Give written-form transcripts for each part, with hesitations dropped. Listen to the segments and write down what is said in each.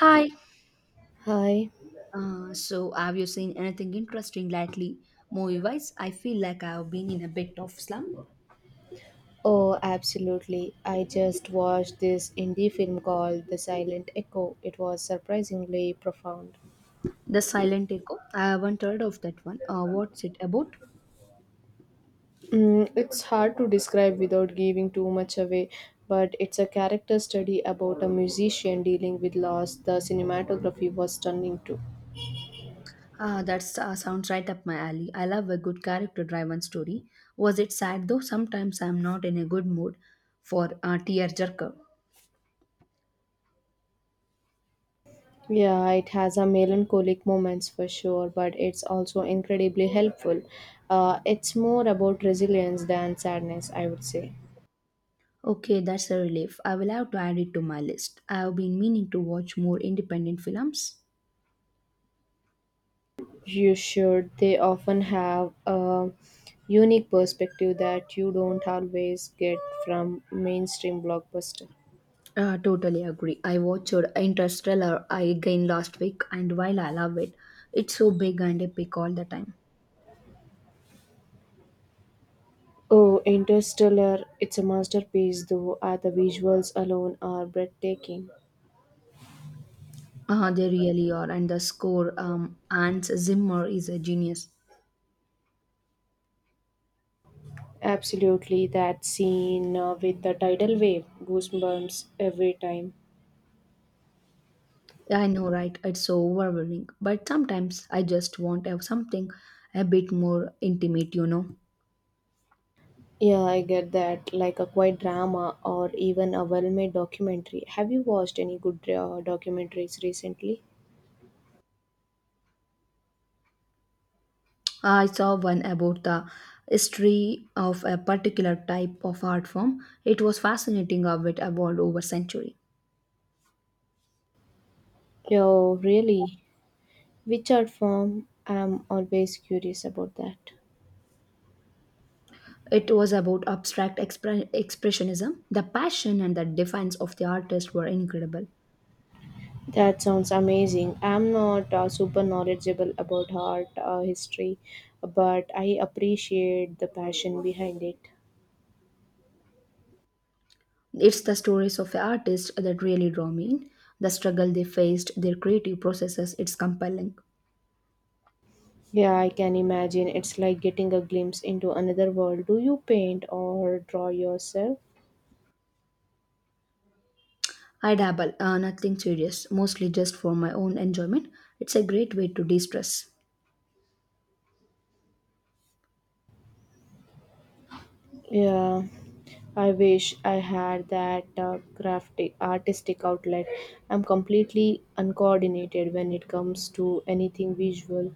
Hi. Hi. Have you seen anything interesting lately, movie-wise? I feel like I have been in a bit of slump. Oh, absolutely. I just watched this indie film called The Silent Echo. It was surprisingly profound. The Silent Echo. I haven't heard of that one. What's it about? It's hard to describe without giving too much away, but it's a character study about a musician dealing with loss. The cinematography was stunning too. Ah, that sounds right up my alley. I love a good character-driven story. Was it sad though? Sometimes I'm not in a good mood for a tearjerker. Yeah, it has a melancholic moments for sure, but it's also incredibly helpful. It's more about resilience than sadness, I would say. Okay, that's a relief. I will have to add it to my list. I have been meaning to watch more independent films. You should. They often have a unique perspective that you don't always get from mainstream blockbuster. Totally agree. I watched Interstellar again last week, and while I love it, it's so big and epic all the time. Oh, Interstellar, it's a masterpiece though, the visuals alone are breathtaking. They really are, and the score, Hans Zimmer is a genius. Absolutely, that scene with the tidal wave, goosebumps every time. Yeah, I know, right? It's so overwhelming, but sometimes I just want to have something a bit more intimate. Yeah, I get that. Like a quiet drama or even a well made documentary. Have you watched any good documentaries recently? I saw one about the history of a particular type of art form. It was fascinating how it evolved over century. Oh, really? Which art form? I'm always curious about that. It was about expressionism. The passion and the defiance of the artist were incredible. That sounds amazing. I'm not super knowledgeable about art history, but I appreciate the passion behind it. It's the stories of the artists that really draw me in. The struggle they faced, their creative processes, it's compelling. Yeah, I can imagine. It's like getting a glimpse into another world. Do you paint or draw yourself? I dabble, nothing serious, mostly just for my own enjoyment. It's a great way to de stress. Yeah, I wish I had that crafty artistic outlet. I'm completely uncoordinated when it comes to anything visual.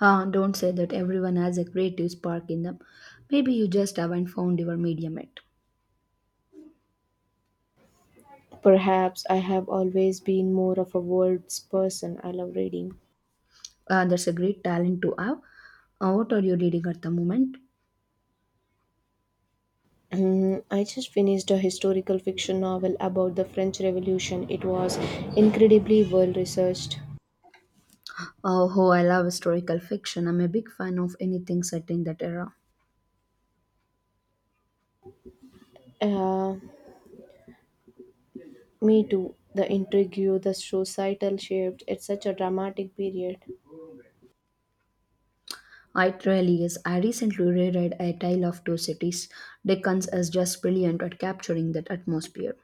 Don't say that, everyone has a creative spark in them. Maybe you just haven't found your medium yet. Perhaps I have always been more of a words person. I love reading. That's a great talent to have. What are you reading at the moment? I just finished a historical fiction novel about the French Revolution. It was incredibly well researched. Oh, I love historical fiction. I'm a big fan of anything set in that era. Uh, me too. The intrigue, the societal shift. It's such a dramatic period. It really is. I recently reread A Tale of Two Cities. Dickens is just brilliant at capturing that atmosphere.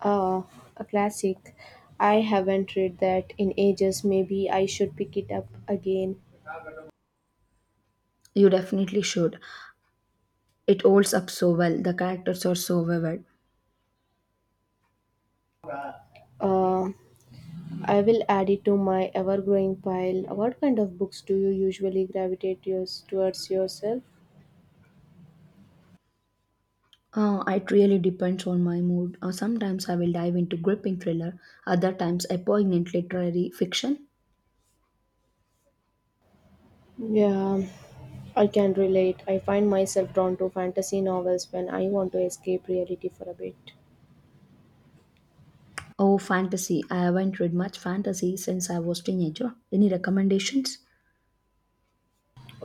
Ah, a classic. I haven't read that in ages. Maybe I should pick it up again. You definitely should. It holds up so well. The characters are so vivid. Uh, I will add it to my ever growing pile. What kind of books do you usually gravitate yours, towards yourself? It really depends on my mood. Sometimes I will dive into gripping thriller, other times a poignant literary fiction. Yeah, I can relate. I find myself drawn to fantasy novels when I want to escape reality for a bit. Oh, fantasy. I haven't read much fantasy since I was teenager. Any recommendations?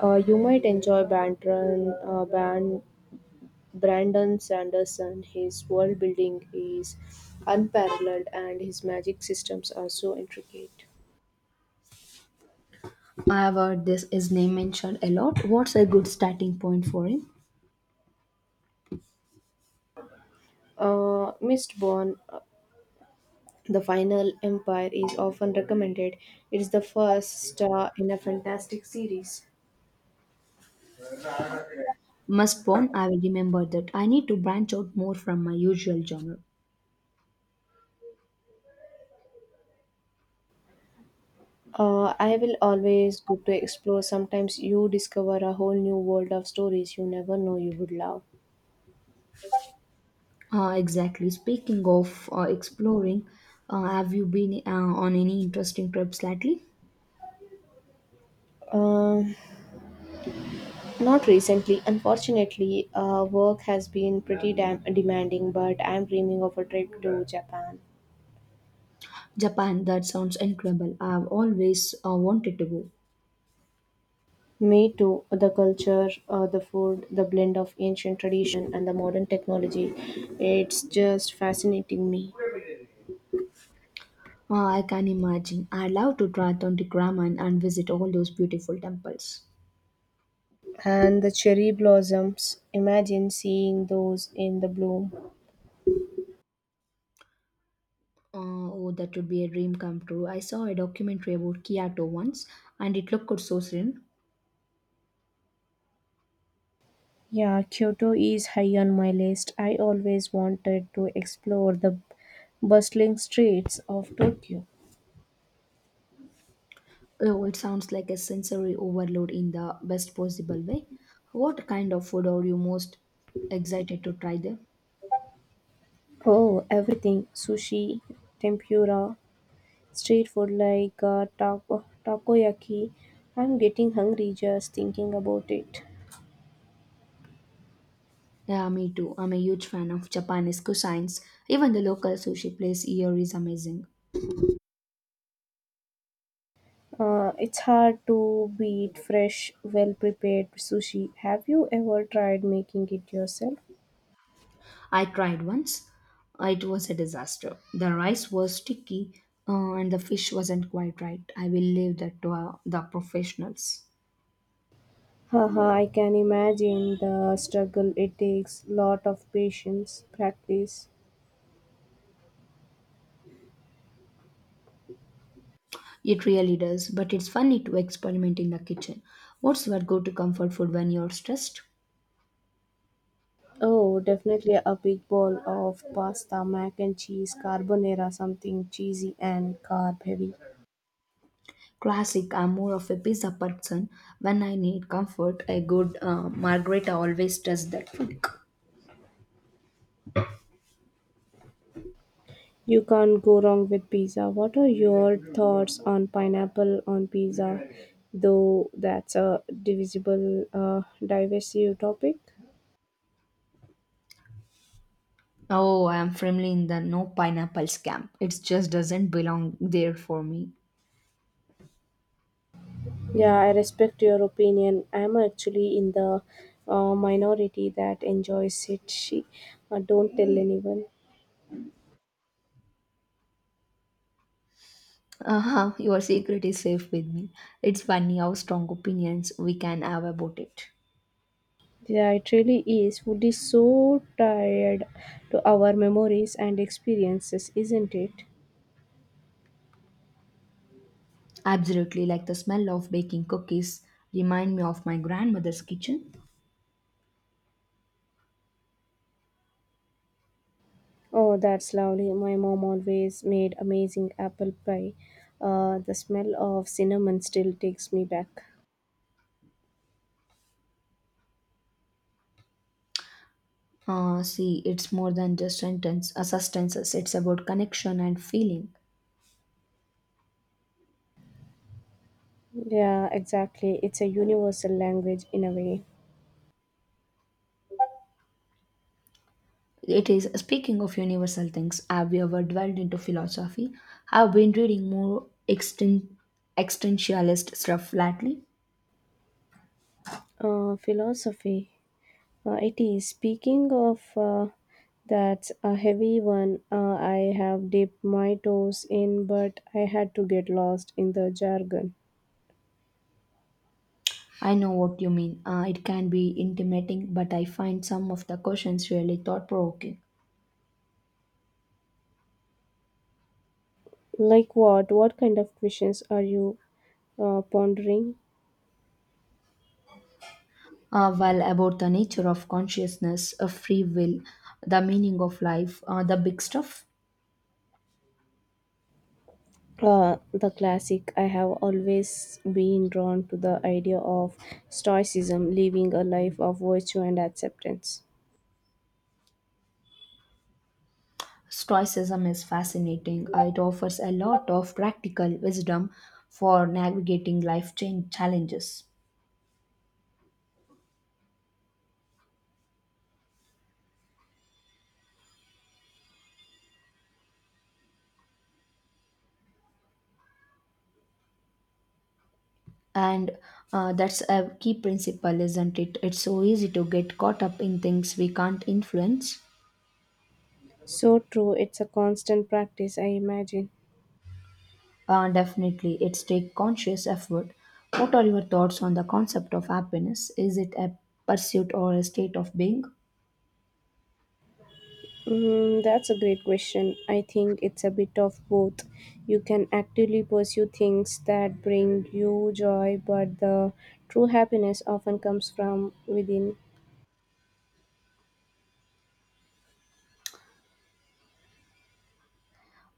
You might enjoy Brandon Sanderson. His world building is unparalleled and his magic systems are so intricate. I have heard this is name mentioned a lot. What's a good starting point for him? Mistborn The Final Empire is often recommended. It's the first in a fantastic series. Must born, I will remember that. I need to branch out more from my usual genre. I will always good to explore. Sometimes you discover a whole new world of stories you never know you would love. Exactly. Speaking of exploring, have you been on any interesting trips lately? Um, Not recently, unfortunately. Work has been pretty demanding, but I'm dreaming of a trip to Japan. Japan, that sounds incredible. I've always wanted to go. Me too. The culture, the food, the blend of ancient tradition and the modern technology. It's just fascinating me. I can imagine. I'd love to try Tonti Ramen and visit all those beautiful temples. And the cherry blossoms. Imagine seeing those in the bloom. Oh, that would be a dream come true. I saw a documentary about Kyoto once, and it looked so serene. Yeah, Kyoto is high on my list. I always wanted to explore the bustling streets of Tokyo. Oh, it sounds like a sensory overload in the best possible way. What kind of food are you most excited to try there? Oh, everything sushi, tempura, street food like takoyaki. I'm getting hungry just thinking about it. Yeah, me too. I'm a huge fan of Japanese cuisines. Even the local sushi place here is amazing. It's hard to beat fresh, well prepared sushi. Have you ever tried making it yourself? I tried once. It was a disaster. The rice was sticky, and the fish wasn't quite right. I will leave that to the professionals. Haha, I can imagine the struggle. It takes lot of patience, practice. It really does, but it's funny to experiment in the kitchen. What's your go to comfort food when you're stressed? Oh, definitely a big bowl of pasta, mac and cheese, carbonara, something cheesy and carb heavy. Classic, I'm more of a pizza person. When I need comfort, a good margarita always does that for me. You can't go wrong with pizza. What are your thoughts on pineapple on pizza? Though that's a divisive topic. Oh, I'm firmly in the no pineapples camp. It just doesn't belong there for me. Yeah, I respect your opinion. I'm actually in the minority that enjoys it. Don't tell anyone. Uh-huh, your secret is safe with me. It's funny how strong opinions we can have about it. Yeah, it really is. Food is so tied to our memories and experiences, isn't it? Absolutely, like the smell of baking cookies remind me of my grandmother's kitchen. Oh, that's lovely. My mom always made amazing apple pie. The smell of cinnamon still takes me back. See, it's more than just sustenance. It's about connection and feeling. Yeah, exactly. It's a universal language in a way. It is speaking of universal things. Have you ever dwelled into philosophy? I've been reading more existentialist stuff lately. Philosophy. It is. Speaking of That's a heavy one, I have dipped my toes in, but I had to get lost in the jargon. I know what you mean. It can be intimating, but I find some of the questions really thought provoking. Like what? What kind of questions are you pondering? Well, about the nature of consciousness, of free will, the meaning of life, the big stuff. The classic. I have always been drawn to the idea of stoicism, living a life of virtue and acceptance. Stoicism is fascinating. It offers a lot of practical wisdom for navigating life change challenges. And that's a key principle, isn't it? It's so easy to get caught up in things we can't influence. So true, it's a constant practice, I imagine. Definitely, it's take conscious effort. What are your thoughts on the concept of happiness? Is it a pursuit or a state of being? That's a great question. I think it's a bit of both. You can actively pursue things that bring you joy, but the true happiness often comes from within.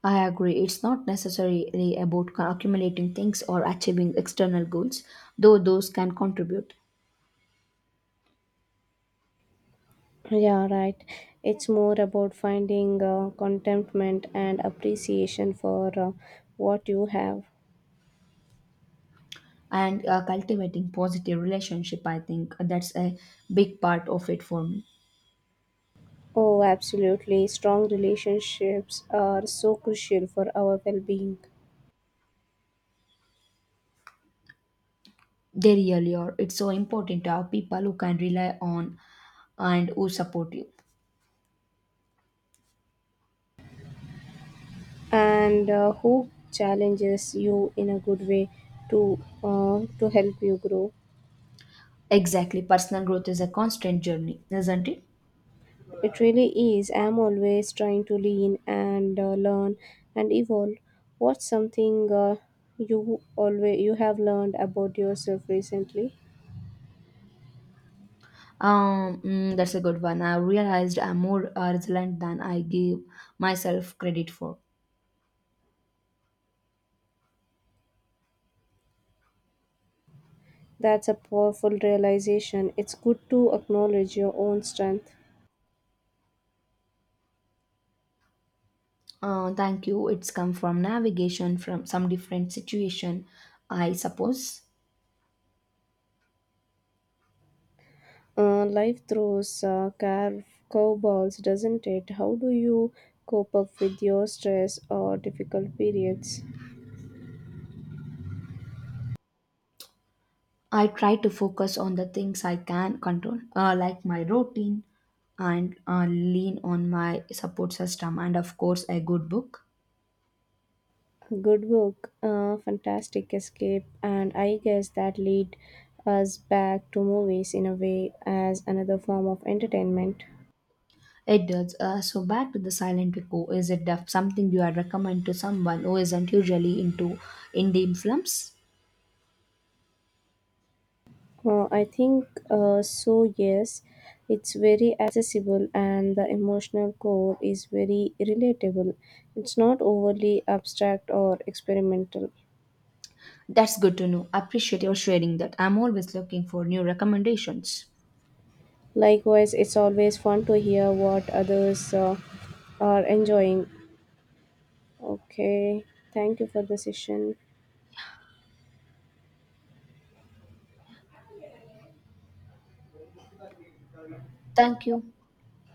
I agree. It's not necessarily about accumulating things or achieving external goals, though those can contribute. Yeah, right. It's more about finding contentment and appreciation for what you have. And cultivating positive relationship, I think that's a big part of it for me. Oh, absolutely. Strong relationships are so crucial for our well being. They really are, it's so important to have people who can rely on and who support you. And who challenges you in a good way to to help you grow. Exactly, personal growth is a constant journey, isn't it? It really is. I'm always trying to lean and learn and evolve. What's something you have learned about yourself recently? That's a good one. I realized I'm more resilient than I give myself credit for. That's a powerful realization. It's good to acknowledge your own strength. Thank you, it's come from navigation from some different situation, I suppose. Life throws curveballs, doesn't it? How do you cope up with your stress or difficult periods? I try to focus on the things I can control, like my routine, and lean on my support system, and of course, a good book. Good book, fantastic escape, and I guess that lead us back to movies in a way as another form of entertainment. It does. Back to the silent echo, is it something you would recommend to someone who isn't usually into indie films? I think so. Yes, it's very accessible, and the emotional core is very relatable. It's not overly abstract or experimental. That's good to know. Appreciate your sharing that. I'm always looking for new recommendations. Likewise, it's always fun to hear what others are enjoying. Okay, thank you for the session. Thank you.